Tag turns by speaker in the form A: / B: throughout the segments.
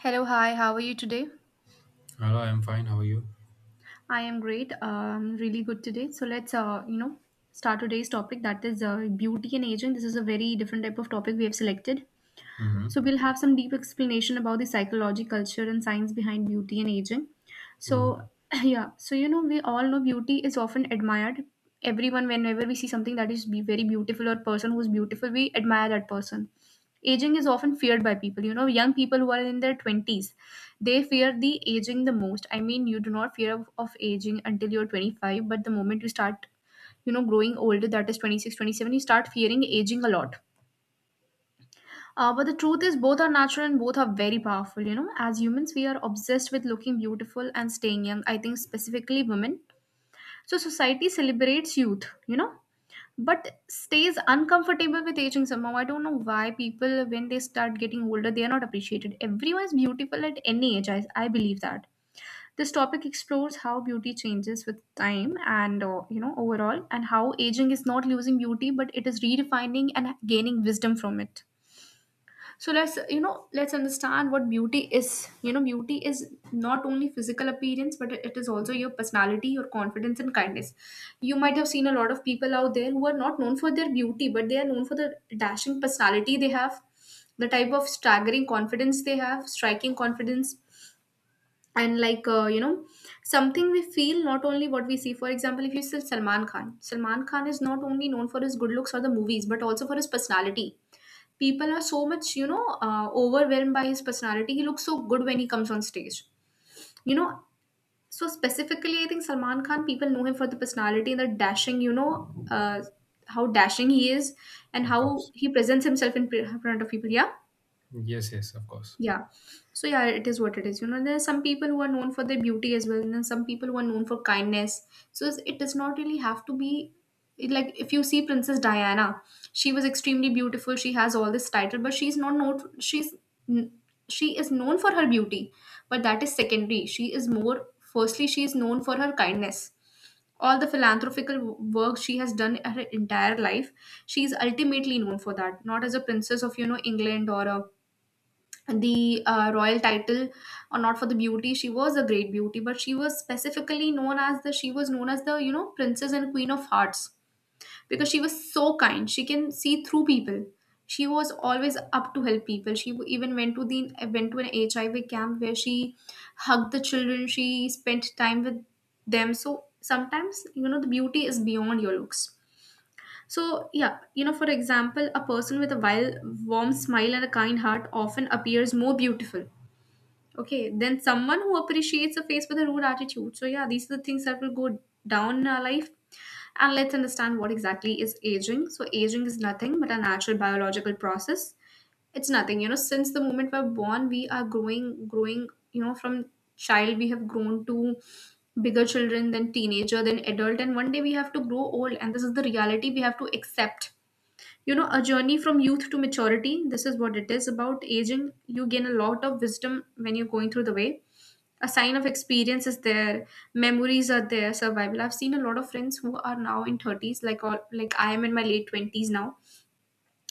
A: Hello, hi, how are you today?
B: Hello, I'm fine. How are you?
A: I am great, really good today. So let's start today's topic, that is beauty and aging. This is a very different type of topic we have selected.
B: Mm-hmm.
A: So we'll have some deep explanation about the psychology, culture, and science behind beauty and aging. So
B: Mm-hmm.
A: yeah, we all know beauty is often admired. Everyone, whenever we see something that is be very beautiful or person who's beautiful, we admire that person. Aging is often feared by people. You know, young people who are in their twenties, they fear the aging the most. I mean, you do not fear of aging until you're 25, but the moment you start growing older, that is 26, 27, you start fearing aging a lot. But the truth is, both are natural and both are very powerful. You know, as humans, we are obsessed with looking beautiful and staying young. I think specifically women. So society celebrates youth, you know, but stays uncomfortable with aging somehow. I don't know why people, when they start getting older, they are not appreciated. Everyone is beautiful at any age. I believe that. This topic explores how beauty changes with time and overall, and how aging is not losing beauty, but it is redefining and gaining wisdom from it. So let's you know let's understand what beauty is. You know, beauty is not only physical appearance, but it is also your personality, your confidence, and kindness. You might have seen a lot of people out there who are not known for their beauty, but they are known for the dashing personality they have, the type of staggering confidence they have, striking confidence, and something we feel, not only what we see. For example, if you see Salman Khan, Salman Khan is not only known for his good looks or the movies, but also for his personality. People are so much, overwhelmed by his personality. He looks so good when he comes on stage, you know. So specifically I think Salman Khan, people know him for the personality and the dashing, uh, how dashing he is and
B: Of
A: how
B: course.
A: he presents himself in front of people, yeah.
B: Yes, yes, of course.
A: Yeah. So yeah, it is what it is. You know, there are some people who are known for their beauty as well, and then some people who are known for kindness. So it does not really have to be like. If you see Princess Diana, she was extremely beautiful. She has all this title, but she's not known. N- she is known for her beauty, but that is secondary. She is more. Firstly, she is known for her kindness. All the philanthropical work she has done her entire life, she is ultimately known for that. Not as a princess of, you know, England, or a the royal title, or not for the beauty. She was a great beauty, but she was specifically known as the, you know, princess and queen of hearts, because she was so kind. She can see through people. She was always up to help people. She even went to an HIV camp, where she hugged the children, she spent time with them. So sometimes, you know, the beauty is beyond your looks. So yeah, you know, for example, a person with a wild, warm smile and a kind heart often appears more beautiful. Okay, then someone who appreciates a face with a rude attitude. So yeah, these are the things that will go down in our life. And let's understand what exactly is aging. So aging is nothing but a natural biological process. It's nothing, you know, since the moment we're born, we are you know, from child we have grown to bigger children, then teenager, then adult, and one day we have to grow old, and this is the reality we have to accept. You know, a journey from youth to maturity, this is what it is about aging. You gain a lot of wisdom when you're going through the way. A sign of experience is there, memories are there, survival. I've seen a lot of friends who are now in 30s, like all, like I am in my late 20s now,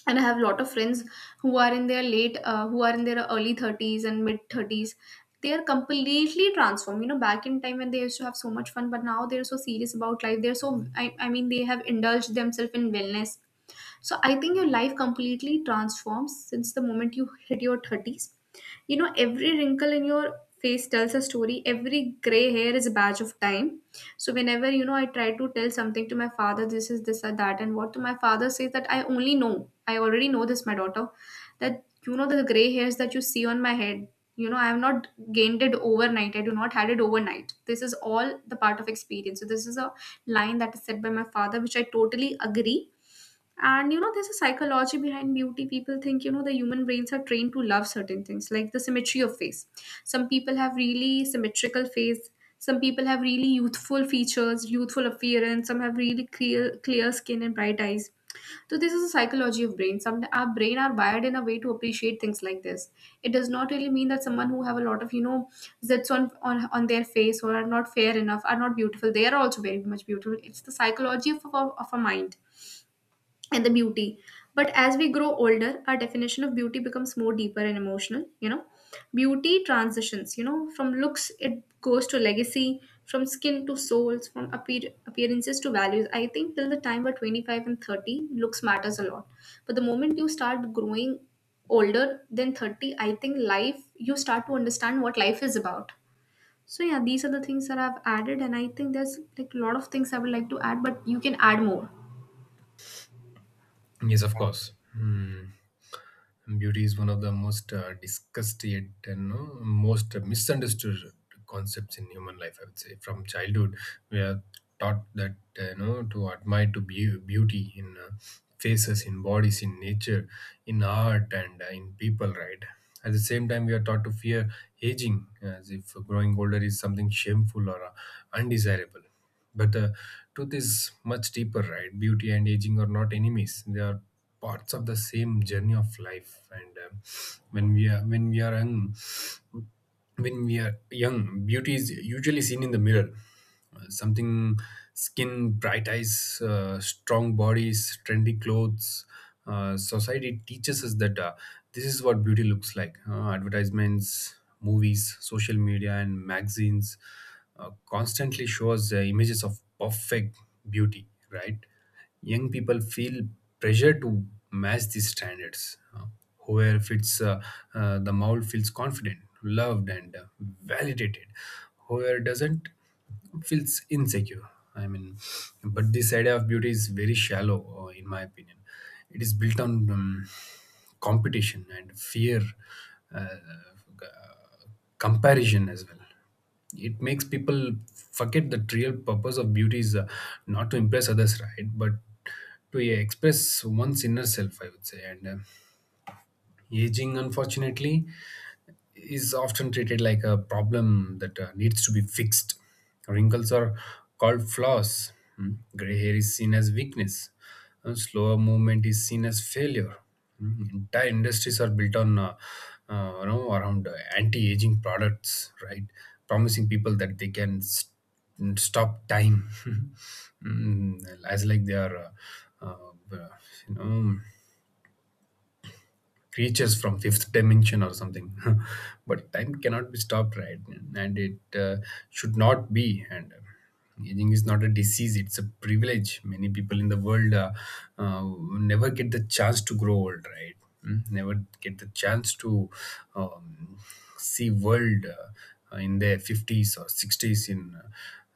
A: and I have a lot of friends who are in their early 30s and mid 30s. They are completely transformed. You know, back in time when they used to have so much fun, but now they're so serious about life, they're so, I mean, they have indulged themselves in wellness. So I think your life completely transforms since the moment you hit your 30s. You know, every wrinkle in your face tells a story, every gray hair is a badge of time. So whenever, you know, I try to tell something to my father, this is this or that, and what to my father says that I only know, I already know this, my daughter, that, you know, the gray hairs that you see on my head, you know, I have not gained it overnight. I do not had it overnight. This is all the part of experience. So this is a line that is said by my father, which I totally agree. And you know, there's a psychology behind beauty. People think, you know, the human brains are trained to love certain things, like the symmetry of face. Some people have really symmetrical face. Some people have really youthful features, youthful appearance. Some have really clear skin and bright eyes. So this is a psychology of brain. Some, our brain are wired in a way to appreciate things like this. It does not really mean that someone who have a lot of, you know, zits on their face, or are not fair enough, are not beautiful. They are also very much beautiful. It's the psychology of a mind and the beauty. But as we grow older, our definition of beauty becomes more deeper and emotional. You know, beauty transitions, you know, from looks it goes to legacy, from skin to souls, from appearances to values. I think till the time we're 25 and 30, looks matters a lot, but the moment you start growing older than 30, I think life, you start to understand what life is about. So yeah, these are the things that I've added, and I think there's like a lot of things I would like to add, but you can add more.
B: Yes, of course. Hmm. Beauty is one of the most discussed yet and, no, most misunderstood concepts in human life. I would say from childhood we are taught that to admire, to be beauty in faces, in bodies, in nature, in art, and in people. Right. At the same time, we are taught to fear aging, as if growing older is something shameful or undesirable. But the truth is much deeper, right? Beauty and aging are not enemies. They are parts of the same journey of life. And when we are young, when we are young, beauty is usually seen in the mirror, something, skin, bright eyes, strong bodies, trendy clothes. Society teaches us that this is what beauty looks like: advertisements, movies, social media and magazines constantly show us images of perfect beauty, right? Young people feel pressure to match these standards. Uh, Whoever fits the mold feels confident, loved and validated. Whoever doesn't, it feels insecure. I mean, but this idea of beauty is very shallow, in my opinion. It is built on competition and fear, uh, g- comparison as well. It makes people forget that real purpose of beauty is not to impress others, right? But to express one's inner self, I would say. And aging, unfortunately, is often treated like a problem that needs to be fixed. Wrinkles are called flaws. Hmm. Gray hair is seen as weakness. Slower movement is seen as failure. Hmm. Entire industries are built around anti-aging products, right? Promising people that they can stop time. Hmm. As like they are, uh, uh, you know, creatures from fifth dimension or something. But time cannot be stopped, right? And it should not be. And aging is not a disease, it's a privilege. Many people in the world uh, never get the chance to grow old, right? Never get the chance to um, see world in their 50s or 60s in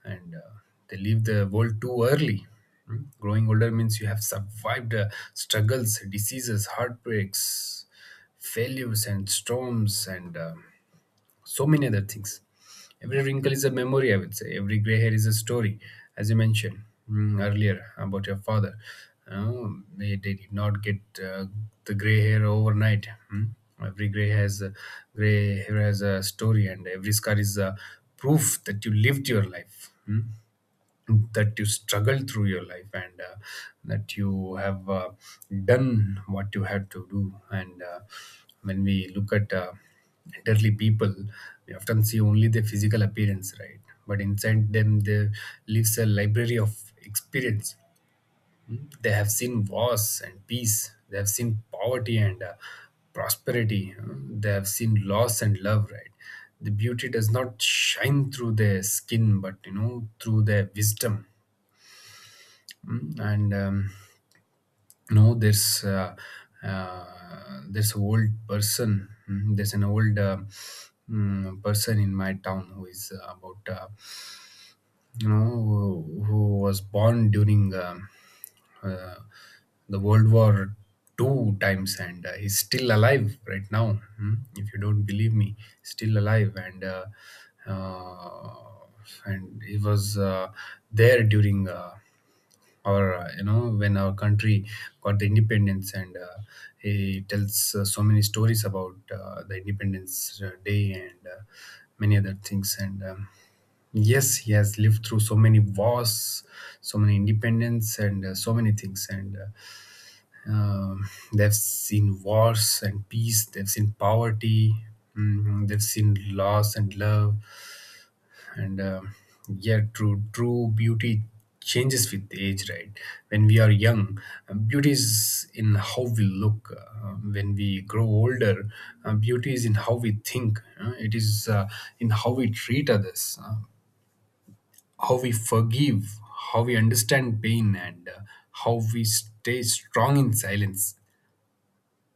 B: and they leave the world too early. Mm. Growing older means you have survived struggles, diseases, heartbreaks, failures, and storms, and so many other things. Every wrinkle is a memory, I would say. Every gray hair is a story, as you mentioned earlier, about your father. Uh, they did not get the gray hair overnight. Mm. Every gray has a, gray hair has a story, and every scar is a proof that you lived your life. That you struggled through your life, and that you have done what you had to do. And when we look at elderly people, we often see only their physical appearance, right? But inside them there lives a library of experience. Mm. They have seen wars and peace, they have seen poverty and prosperity. Mm. They have seen loss and love, right? The beauty does not shine through their skin, but through their wisdom. Mm. And there's this old person mm, there's an old person in my town who is about who was born during uh, the World War II times, and he's still alive right now. Hmm? If you don't believe me, still alive, and uh, and he was there during. Or when our country got the independence, and he tells so many stories about the independence day, and many other things, and yes, he has lived through so many wars, so many independence, and so many things. And uh, um, they've seen wars and peace. They've seen poverty. They've seen loss and love. And yeah, true beauty changes with age, right? When we are young, beauty is in how we look. When we grow older, beauty is in how we think. It is in how we treat others. How we forgive, how we understand pain, and how we stay strong in silence.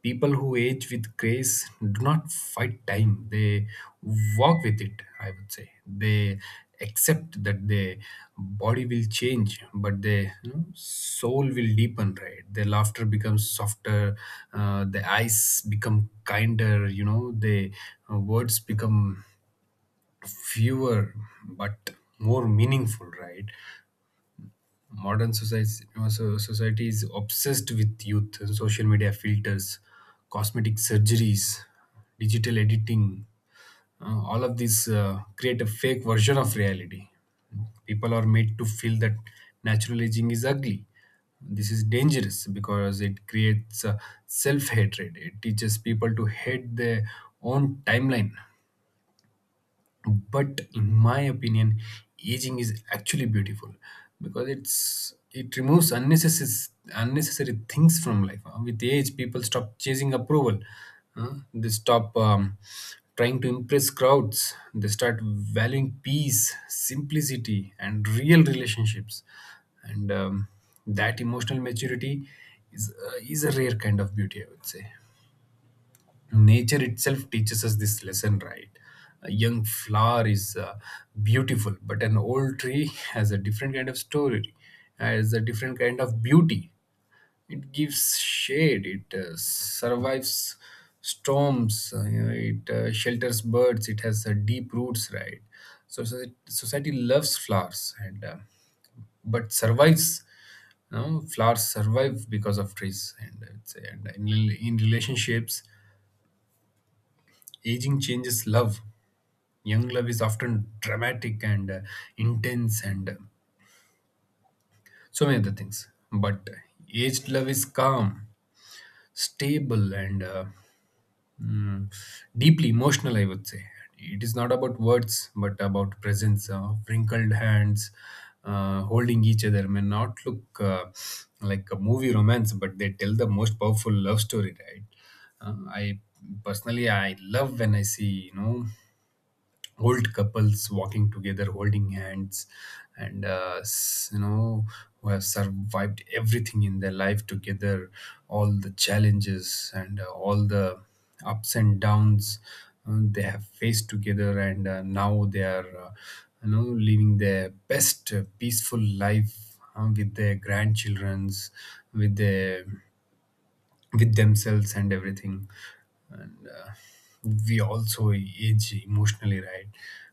B: People who age with grace do not fight time, they walk with it, I would say. They accept that their body will change, but their soul will deepen, right? Their laughter becomes softer, the eyes become kinder, the words become fewer but more meaningful, right? Modern society, society is obsessed with youth, social media filters, cosmetic surgeries, digital editing. All of these create a fake version of reality. People are made to feel that natural aging is ugly. This is dangerous because it creates self-hatred. It teaches people to hate their own timeline. But in my opinion, aging is actually beautiful because it removes unnecessary things from life. With age, people stop chasing approval. Uh, they stop trying to impress crowds. They start valuing peace, simplicity and real relationships. And that emotional maturity is a rare kind of beauty, I would say. Nature itself teaches us this lesson, right? A young flower is beautiful, but an old tree has a different kind of story, has a different kind of beauty. It gives shade. It survives storms. It shelters birds. It has deep roots, right? So society loves flowers and but survives. Flowers survive because of trees, and in relationships, aging changes love. Young love is often dramatic and intense and so many other things, but aged love is calm, stable, and mm, deeply emotional, I would say. It is not about words but about presence of wrinkled hands holding each other, may not look like a movie romance, but they tell the most powerful love story, right? Uh, i personally i love when I see, old couples walking together holding hands, and who have survived everything in their life together, all the challenges and all the ups and downs, they have faced together. And now they are living their best peaceful life, with their grandchildrens, with their with themselves and everything. And we also age emotionally, right?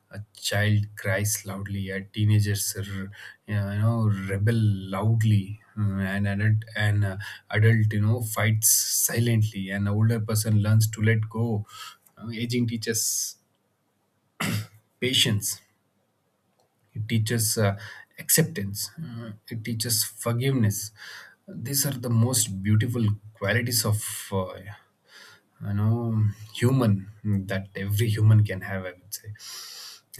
B: A child cries loudly, a teenagers rebel loudly. Mm. And an adult you know fights silently, an older person learns to let go. Aging teaches patience. It teaches acceptance. It teaches forgiveness. These are the most beautiful qualities of uh, you know human that every human can have, I would say.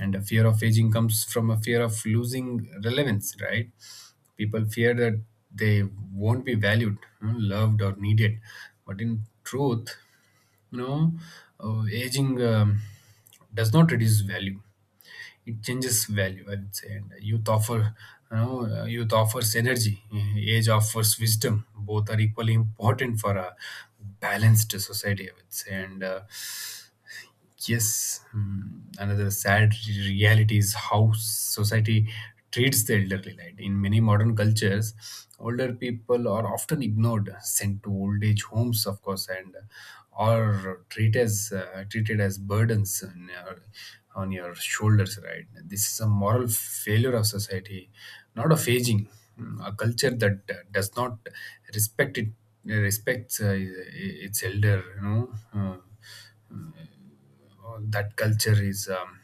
B: And a fear of aging comes from a fear of losing relevance, right? People fear that they won't be valued, loved or needed. But in truth, you know aging does not reduce value, it changes value, I would say. And youth offers energy, age offers wisdom. Both are equally important for a balanced society, I would say. And yes, another sad reality is how society treats the elderly. Right? In many modern cultures, older people are often ignored, sent to old age homes, of course, and or treated as burdens on your shoulders. Right? This is a moral failure of society, not of aging. Mm. A culture that does not respect it respects its elder. That culture is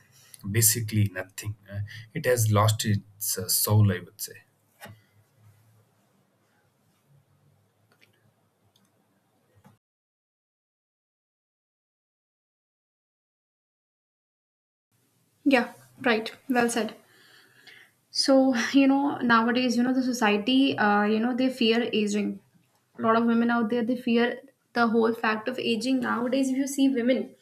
B: basically nothing. It has lost its soul, I would say.
A: Yeah. Right, well said. So, you know, nowadays, the society, they fear aging. A lot of women out there, they fear the whole fact of aging. Nowadays, if you see women,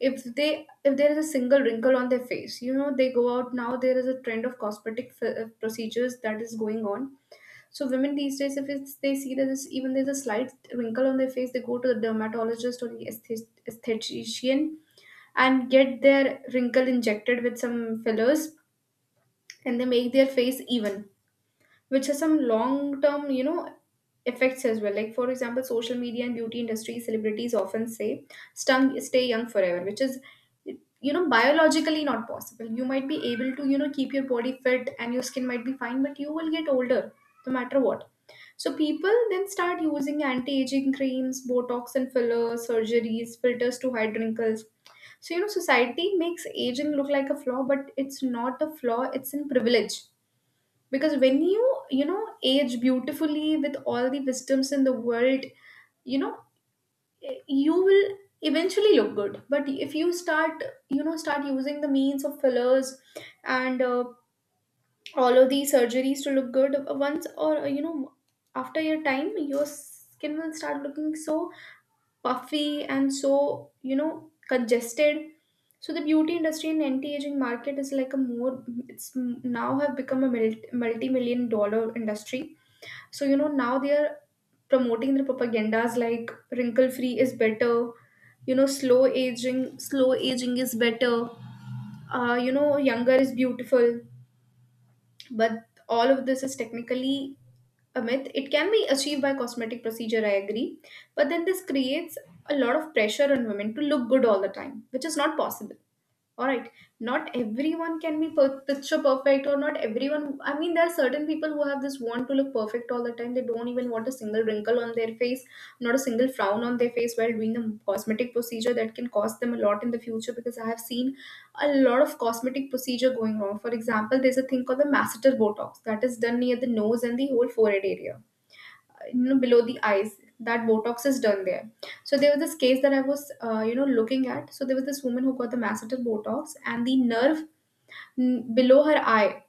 A: if there is a single wrinkle on their face, you know, they go out now. There is a trend of cosmetic procedures that is going on. So women these days, if it's, they see that it's, even there's a slight wrinkle on their face, they go to the dermatologist or the aesthetician and get their wrinkle injected with some fillers, and they make their face even, which has some long term, you know, effects as well. Like, for example, social media and beauty industry celebrities often say stay young forever, which is, you know, biologically not possible. You might be able to, you know, keep your body fit and your skin might be fine, but you will get older no matter what. So people then start using anti-aging creams, botox and fillers, surgeries, filters to hide wrinkles. So you know, society makes aging look like a flaw, but it's not a flaw, it's a privilege. Because when you know, age beautifully with all the wisdoms in the world, you know, you will eventually look good. But if you start, you know, start using the means of fillers and all of these surgeries to look good, once, or you know, after your time, your skin will start looking so puffy and so, you know, congested. So the beauty industry and anti-aging market is like a more, it's now have become a multi-million-dollar industry. So, you know, now they are promoting the propagandas like wrinkle free is better, you know, slow aging is better, you know, younger is beautiful. But all of this is technically a myth. It can be achieved by cosmetic procedure, I agree. But then this creates a lot of pressure on women to look good all the time, which is not possible, all right? Not everyone can be picture perfect, or not everyone. I mean, there are certain people who have this want to look perfect all the time. They don't even want a single wrinkle on their face, not a single frown on their face, while doing a cosmetic procedure that can cost them a lot in the future, because I have seen a lot of cosmetic procedure going wrong. For example, there's a thing called the masseter botox that is done near the nose and the whole forehead area, you know, below the eyes. That botox is done there. So there was this case that I was, looking at. So there was this woman who got the masseter botox, and the nerve, below her eye,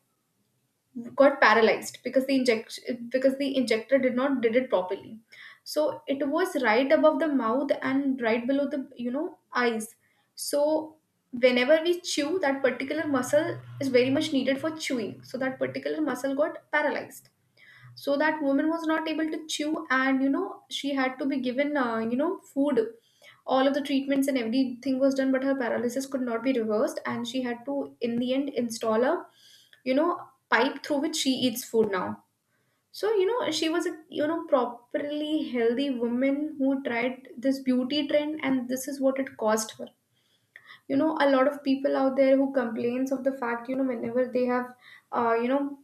A: got paralyzed because the inject because the injector did not did it properly. So it was right above the mouth and right below the, you know, eyes. So whenever we chew, that particular muscle is very much needed for chewing, so that particular muscle got paralyzed. So that woman was not able to chew, and you know, she had to be given, food. All of the treatments and everything was done, but her paralysis could not be reversed, and she had to, in the end, install a, you know, pipe through which she eats food now. So you know, she was a, you know, properly healthy woman who tried this beauty trend, and this is what it cost her. You know, a lot of people out there who complains of the fact, you know, whenever they have uh, you know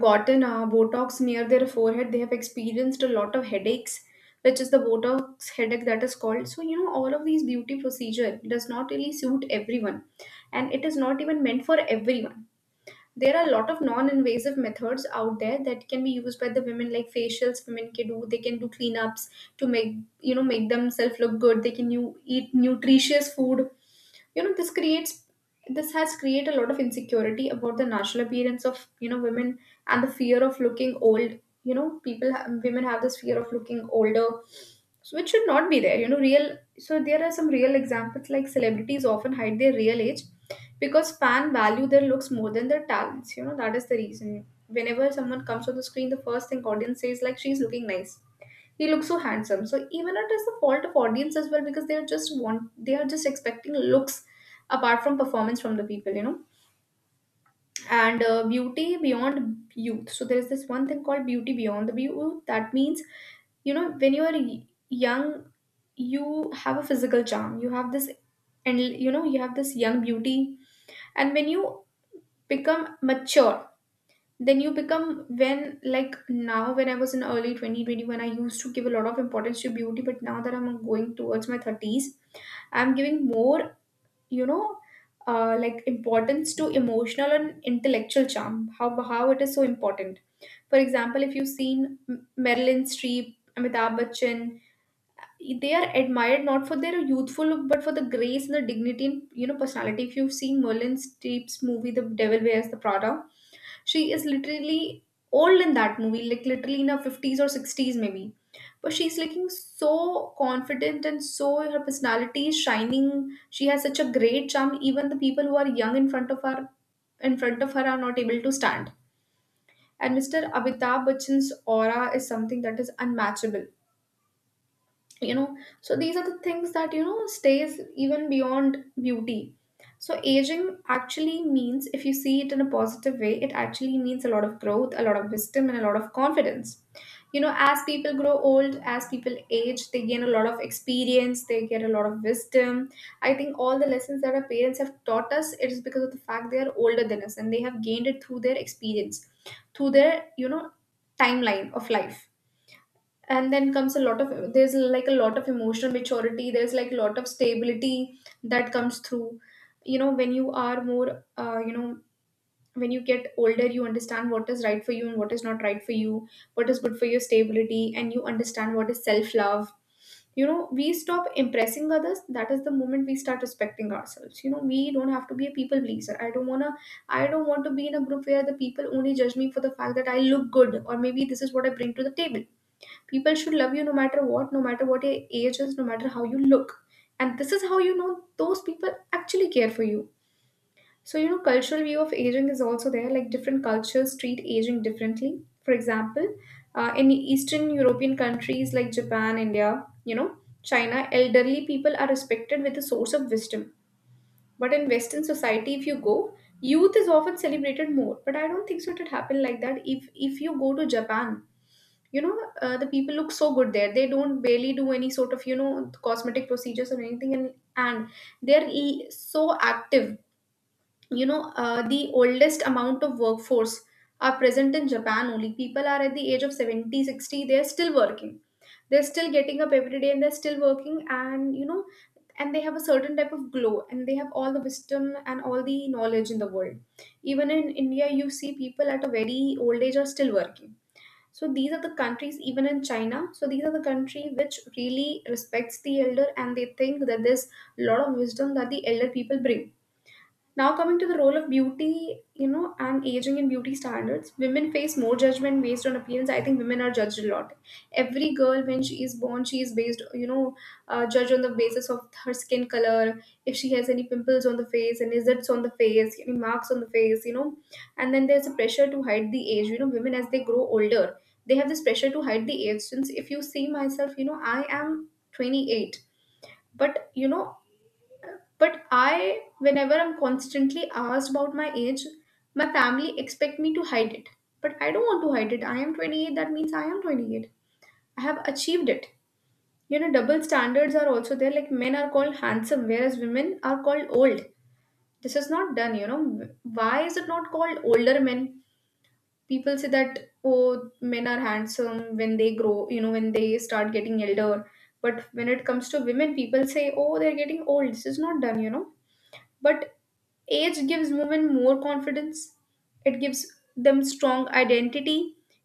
A: gotten Botox near their forehead, they have experienced a lot of headaches, which is the Botox headache that is called. So, you know, all of these beauty procedure does not really suit everyone, and it is not even meant for everyone. There are a lot of non-invasive methods out there that can be used by the women, like facials. Women can do they can do cleanups to make, you know, make themselves look good. They can, you eat nutritious food. You know, this has created a lot of insecurity about the natural appearance of, you know, women, and the fear of looking old. You know, people women have this fear of looking older, so it should not be there, you know. Real so there are some real examples, like celebrities often hide their real age because fan value their looks more than their talents. You know, that is the reason, whenever someone comes on the screen, the first thing audience says, like, she's looking nice, he looks so handsome. So even it is the fault of audience as well, because they are just expecting looks apart from performance from the people, you know. And beauty beyond youth. So there is this one thing called beauty beyond the youth. That means, you know, when you are young, you have a physical charm. You have this, and you know, you have this young beauty. And when you become mature, then you become, when, like now, when I was in early 2021, I used to give a lot of importance to beauty, but now that I'm going towards my 30s, I'm giving more, you know, like, importance to emotional and intellectual charm, how it is so important. For example, if you've seen Marilyn Streep, Amitabh Bachchan, they are admired not for their youthful look, but for the grace and the dignity, and you know, personality. If you've seen Merlin Streep's movie The Devil Wears the Prada, she is literally old in that movie, like literally in her 50s or 60s, maybe. But she's looking so confident, and so her personality is shining. She has such a great charm. Even the people who are young in front of her, are not able to stand. And Mr. Amitabh Bachchan's aura is something that is unmatchable. You know, so these are the things that, you know, stays even beyond beauty. So aging actually means, if you see it in a positive way, it actually means a lot of growth, a lot of wisdom, and a lot of confidence. You know, as people grow old, as people age, they gain a lot of experience, they get a lot of wisdom. I think all the lessons that our parents have taught us, it is because of the fact they are older than us, and they have gained it through their experience, through their, you know, timeline of life. And then comes a lot of, there's like a lot of emotional maturity, there's like a lot of stability that comes through, you know, when you are more, when you get older, you understand what is right for you and what is not right for you, what is good for your stability, and you understand what is self love. You know, we stop impressing others, that is the moment we start respecting ourselves. You know, we don't have to be a people pleaser. I don't want to, I don't want to be in a group where the people only judge me for the fact that I look good, or maybe this is what I bring to the table. People should love you no matter what, no matter what your age is, no matter how you look. And this is how, you know, those people actually care for you. So, you know, cultural view of aging is also there. Like, different cultures treat aging differently. For example, in Eastern European countries like Japan, India, you know, China, elderly people are respected with a source of wisdom. But in Western society, if you go, youth is often celebrated more. But I don't think so it would happen like that. If you go to Japan, you know, the people look so good there. They don't barely do any sort of, you know, cosmetic procedures or anything, and they're so active. You know, the oldest amount of workforce are present in Japan only. People are at the age of 70, 60, they're still working, they're still getting up every day and they're still working, and you know, and they have a certain type of glow, and they have all the wisdom and all the knowledge in the world. Even in India, you see people at a very old age are still working. So these are the countries, even in China. So these are the country which really respects the elder, and they think that there's a lot of wisdom that the elder people bring. Now, coming to the role of beauty, you know, and aging and beauty standards, women face more judgment based on appearance. I think women are judged a lot. Every girl, when she is born, she is based, you know, judged on the basis of her skin color, if she has any pimples on the face, any zits on the face, any marks on the face, you know. And then there's a pressure to hide the age. You know, women, as they grow older, they have this pressure to hide the age. Since if you see myself, you know, I am 28, but you know, but I, whenever I'm constantly asked about my age, my family expect me to hide it. But I don't want to hide it. I am 28, that means I am 28. I have achieved it. You know, double standards are also there. Like, men are called handsome, whereas women are called old. This is not done, you know. Why is it not called older men? People say that, oh, men are handsome when they grow, you know, when they start getting elder, but when it comes to women, people say, oh, they're getting old. This is not done, you know. But age gives women more confidence. It gives them strong identity.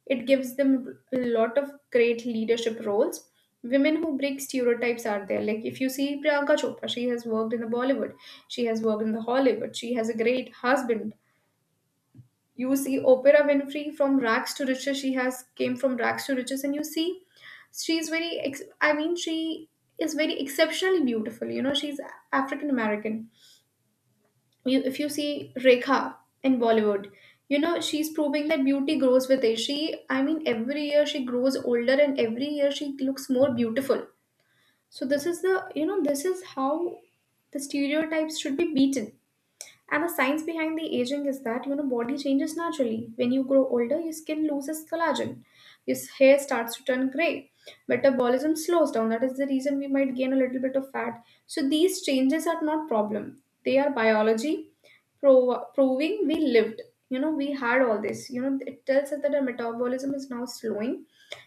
A: It gives them a lot of great leadership roles. Women who break stereotypes are there. Like, if you see Priyanka Chopra, she has worked in the Bollywood, she has worked in the Hollywood, she has a great husband. You see Oprah Winfrey, from rags to riches. She has came from rags to riches, and you see she's very, I mean, she is very exceptionally beautiful. You know, she's African American. You, if you see Rekha in Bollywood, you know, she's proving that beauty grows with age. She, I mean, every year she grows older, and every year she looks more beautiful. So this is the, you know, this is how the stereotypes should be beaten. And the science behind the aging is that, you know, body changes naturally. When you grow older, your skin loses collagen, your hair starts to turn gray, metabolism slows down. That is the reason we might gain a little bit of fat. So these changes are not problem. They are biology proving we lived. You know, we had all this. You know, it tells us that our metabolism is now slowing,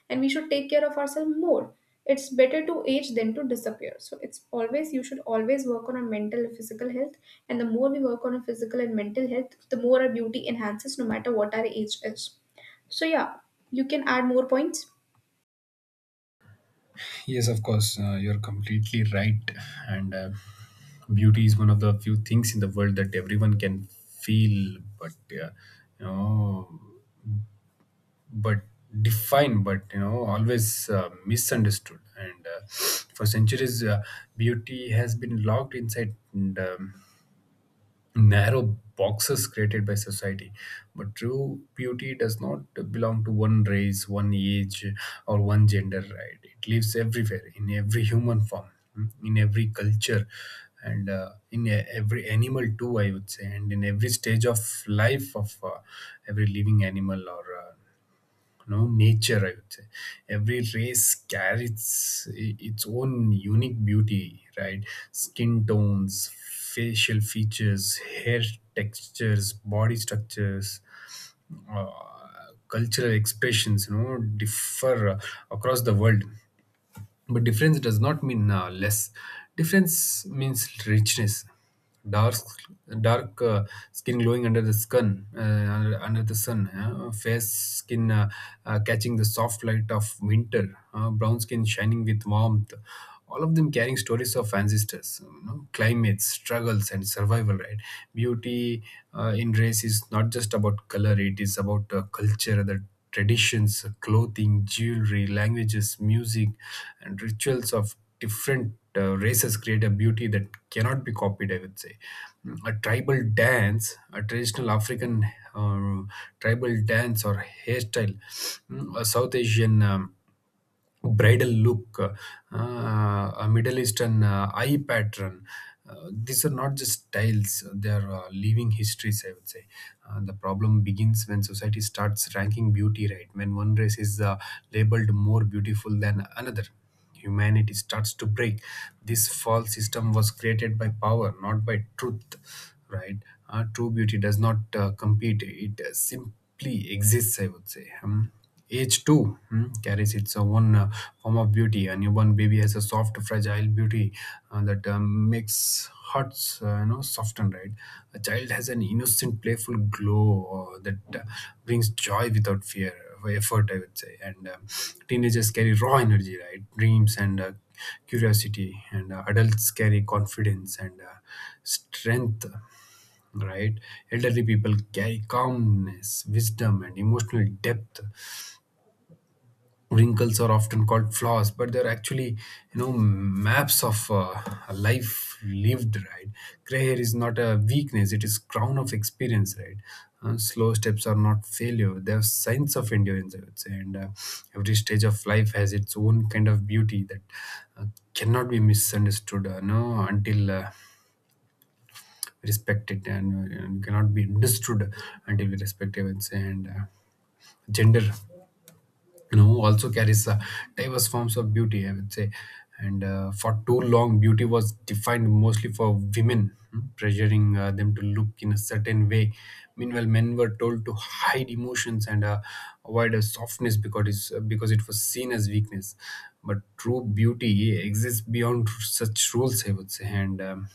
A: and we should take care of ourselves more. It's better to age than to disappear, so it's always, you should always work on our mental and physical health, and the more we work on our physical and mental health, the more our beauty enhances, no matter what our age is. So yeah, you can add more points.
B: Yes, of course, you're completely right. And beauty is one of the few things in the world that everyone can feel, you know, but define, always misunderstood. And for centuries, beauty has been locked inside narrow boxes created by society. But true beauty does not belong to one race, one age, or one gender, right? It lives everywhere, in every human form, in every culture, and in every animal too, I would say, and in every stage of life of every living animal or nature, I would say. Every race carries its own unique beauty, right? Skin tones, facial features, hair textures, body structures, uh, cultural expressions, differ across the world. But difference does not mean less. Difference means richness. Dark, dark skin glowing under the sun, under the sun. Fair skin catching the soft light of winter. Brown skin shining with warmth. All of them carrying stories of ancestors, climates, struggles, and survival. Right? Beauty in race is not just about color; it is about culture, the traditions, clothing, jewelry, languages, music, and rituals of different races create a beauty that cannot be copied, I would say. A tribal dance, a traditional African um, tribal dance or hairstyle, mm, a South Asian. Bridal look, uh, a Middle Eastern eye pattern. These are not just styles, they are living histories, I would say. The problem begins when society starts ranking beauty, right? When one race is labeled more beautiful than another, humanity starts to break. This false system was created by power, not by truth, right? True beauty does not compete, it simply exists, I would say. Age too, carries its own form of beauty. A newborn baby has a soft, fragile beauty that makes hearts, you know, soften, right? A child has an innocent, playful glow that brings joy without fear, effort, I would say. And Teenagers carry raw energy, right, dreams and curiosity, and adults carry confidence and strength, right? Elderly people carry calmness, wisdom, and emotional depth. Wrinkles are often called flaws, but they're actually, you know, maps of a life lived, right? Gray hair is not a weakness, it is crown of experience, right? Slow steps are not failure, they're signs of endurance, I would say. And Every stage of life has its own kind of beauty that uh, cannot be misunderstood, no, until we respect it, and cannot be understood until we respect it, I would say. And Gender, you know, also carries diverse forms of beauty, I would say. And For too long, beauty was defined mostly for women, pressuring them to look in a certain way. Meanwhile, men were told to hide emotions and avoid a softness because because it was seen as weakness. But true beauty exists beyond such rules, I would say. And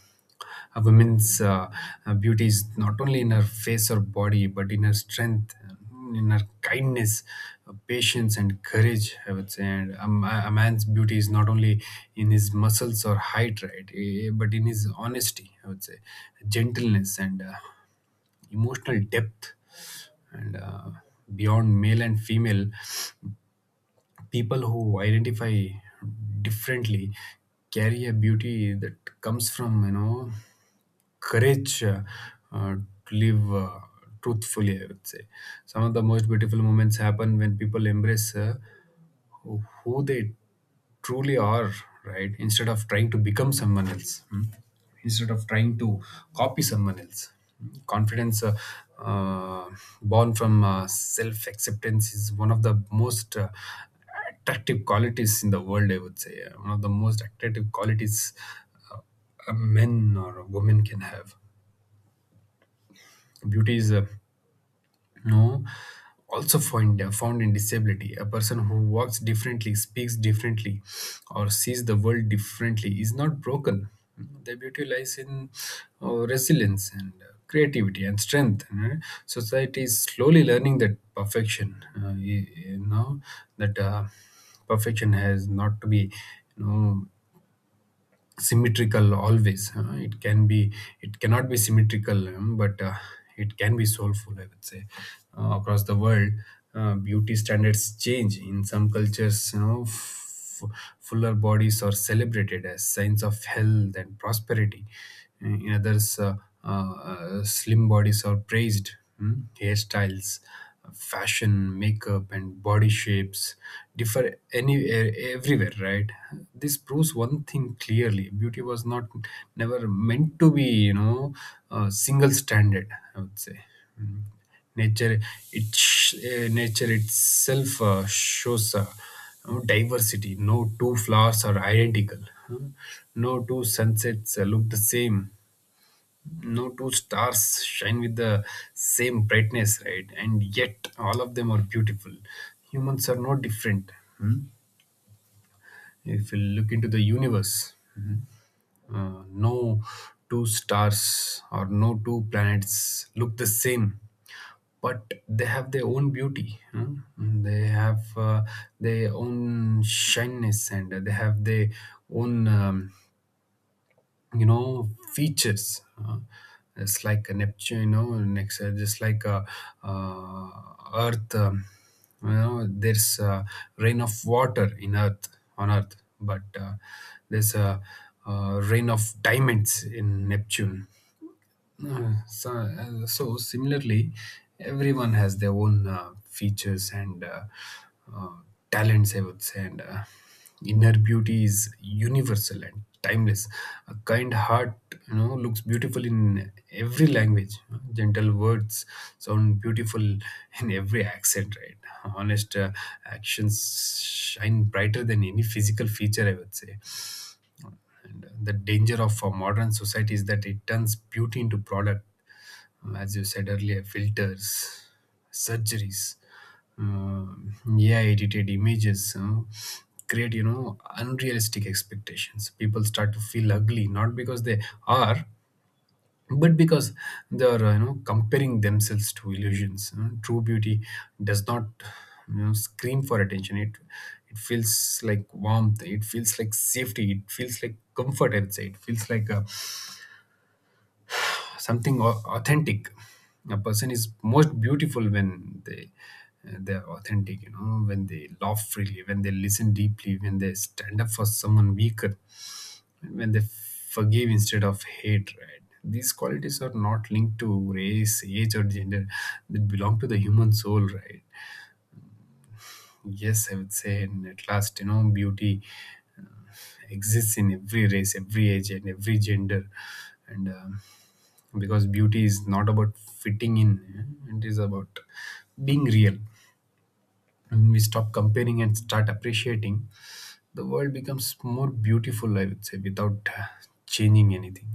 B: A woman's beauty is not only in her face or body, but in her strength, in her kindness, patience, and courage, I would say. And a, a man's beauty is not only in his muscles or height, right, but in his honesty, I would say. Gentleness and emotional depth, and beyond male and female, people who identify differently carry a beauty that comes from, you know, courage uh, to live truthfully, I would say. Some of the most beautiful moments happen when people embrace who they truly are, right? Instead of trying to become someone else, hmm? Instead of trying to copy someone else. Hmm? Confidence uh, born from self acceptance is one of the most attractive qualities in the world, I would say. One of the most attractive qualities uh, a men or a woman can have. Beauty is, no, also found, found in disability. A person who walks differently, speaks differently, or sees the world differently is not broken. Their beauty lies in resilience and creativity and strength. Eh? Society is slowly learning that perfection, you, you know, that perfection has not to be, you know, symmetrical always, huh? It can be, it cannot be symmetrical, but it can be soulful, I would say. Across the world, beauty standards change. In some cultures, you know, fuller bodies are celebrated as signs of health and prosperity. In others, slim bodies are praised, hmm? Hairstyles, fashion, makeup, and body shapes differ anywhere, everywhere, right? This proves one thing clearly: beauty was not, never meant to be, you know, a single standard, I would say. Mm. Nature, nature itself shows, you know, diversity. No two flowers are identical. Huh? No two sunsets look the same, no two stars shine with the same brightness, right? And yet, all of them are beautiful. Humans are no different. Hmm? If you look into the universe, no two stars or no two planets look the same, but they have their own beauty. Hmm? They have, their own shyness, and they have their own, you know, features. It's like a Neptune, you know, next, just like a uh, Earth. You know, there's a rain of water in Earth, on Earth, but there's a rain of diamonds in Neptune. So similarly, everyone has their own features and uh, talents, I would say, and inner beauty is universal and timeless. A kind heart, you know, looks beautiful in every language. Gentle words sound beautiful in every accent, right? Honest actions shine brighter than any physical feature, I would say. And the danger of a modern society is that it turns beauty into product. As you said earlier, filters, surgeries, um, AI edited images. Create, you know, unrealistic expectations. People start to feel ugly, not because they are, but because they are, you know, comparing themselves to illusions. You know, true beauty does not, you know, scream for attention. It feels like warmth, it feels like safety, it feels like comfort, I'd say, it feels like something authentic. A person is most beautiful when they're authentic, you know, when they laugh freely, when they listen deeply, when they stand up for someone weak, when they forgive instead of hatred. These qualities are not linked to race, age, or gender. They belong to the human soul, right? Yes, I would say, and at last, you know, beauty exists in every race, every age, and every gender. And Because beauty is not about fitting in, it is about being real. When we stop comparing and start appreciating, the world becomes more beautiful, I would say, without changing anything.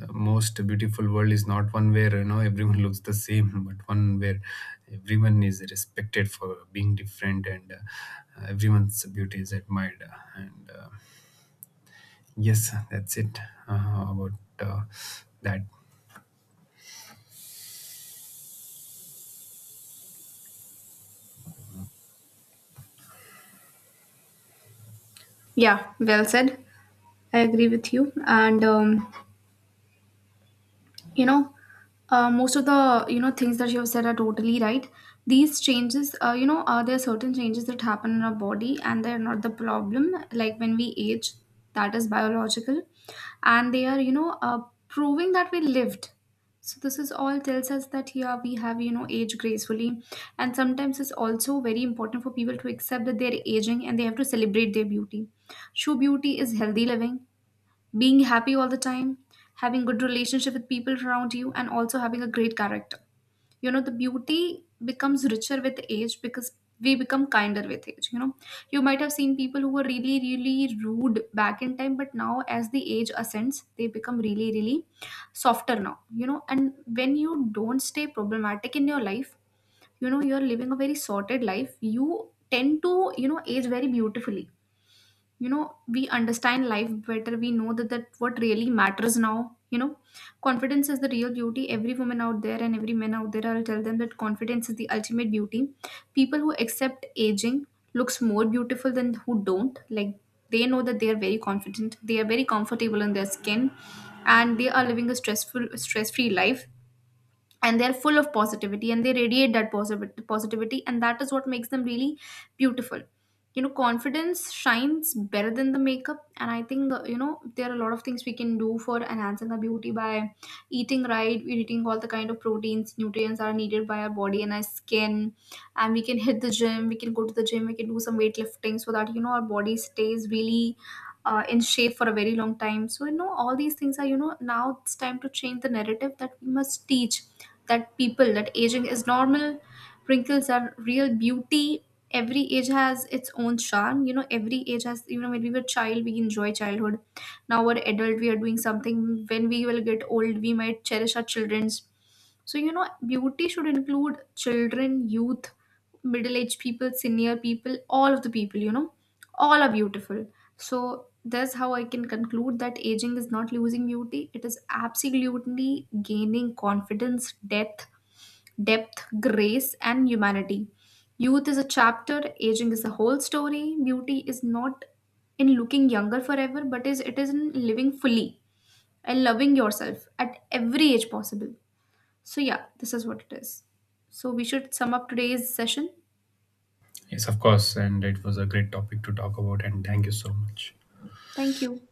B: The most beautiful world is not one where, you know, everyone looks the same, but one where everyone is respected for being different, and everyone's beauty is admired, and yes, that's it, about uh, that.
A: Yeah, well said. I agree with you. And you know most of the things that you have said are totally right. These changes, you know, there are certain changes that happen in our body and they're not the problem, like when we age, that is biological, and they are, proving that we lived. So this is all tells us that, yeah, we have, you know, aged gracefully. And sometimes it's also very important for people to accept that they're aging, and they have to celebrate their beauty. True beauty is healthy living, being happy all the time, having good relationship with people around you, and also having a great character. You know, the beauty becomes richer with age because we become kinder with age. You know, you might have seen people who were really really rude back in time, but now as the age ascends, they become really really softer now, you know. And when you don't stay problematic in your life, you know, you're living a very sorted life, you tend to, you know, age very beautifully. You know, we understand life better, we know that what really matters now, you know. Confidence is the real beauty. Every woman out there and every man out there, I'll tell them that confidence is the ultimate beauty. People who accept aging looks more beautiful than who don't, like, they know that they are very confident, they are very comfortable in their skin, and they are living a stress free life, and they're full of positivity, and they radiate that positivity, and that is what makes them really beautiful. You know, confidence shines better than the makeup. And I think, you know, there are a lot of things we can do for enhancing our beauty by eating right, we're eating all the kind of proteins, nutrients that are needed by our body and our skin. And we can hit the gym, we can go to the gym, we can do some weightlifting, so that, you know, our body stays really in shape for a very long time. So, you know, all these things are, you know, now it's time to change the narrative, that we must teach that people that aging is normal, wrinkles are real beauty. Every age has its own charm. You know, every age has, you know, when we were child, we enjoy childhood. Now we're adult, we are doing something. When we will get old, we might cherish our children's. So, you know, beauty should include children, youth, middle aged people, senior people, all of the people, you know, all are beautiful. So that's how I can conclude that aging is not losing beauty. It is absolutely gaining confidence, depth, grace, and humanity. Youth is a chapter, aging is the whole story. Beauty is not in looking younger forever, but is it is in living fully and loving yourself at every age possible. So yeah, this is what it is. So we should sum up today's session.
B: Yes, of course, and it was a great topic to talk about, and thank you so much.
A: Thank you.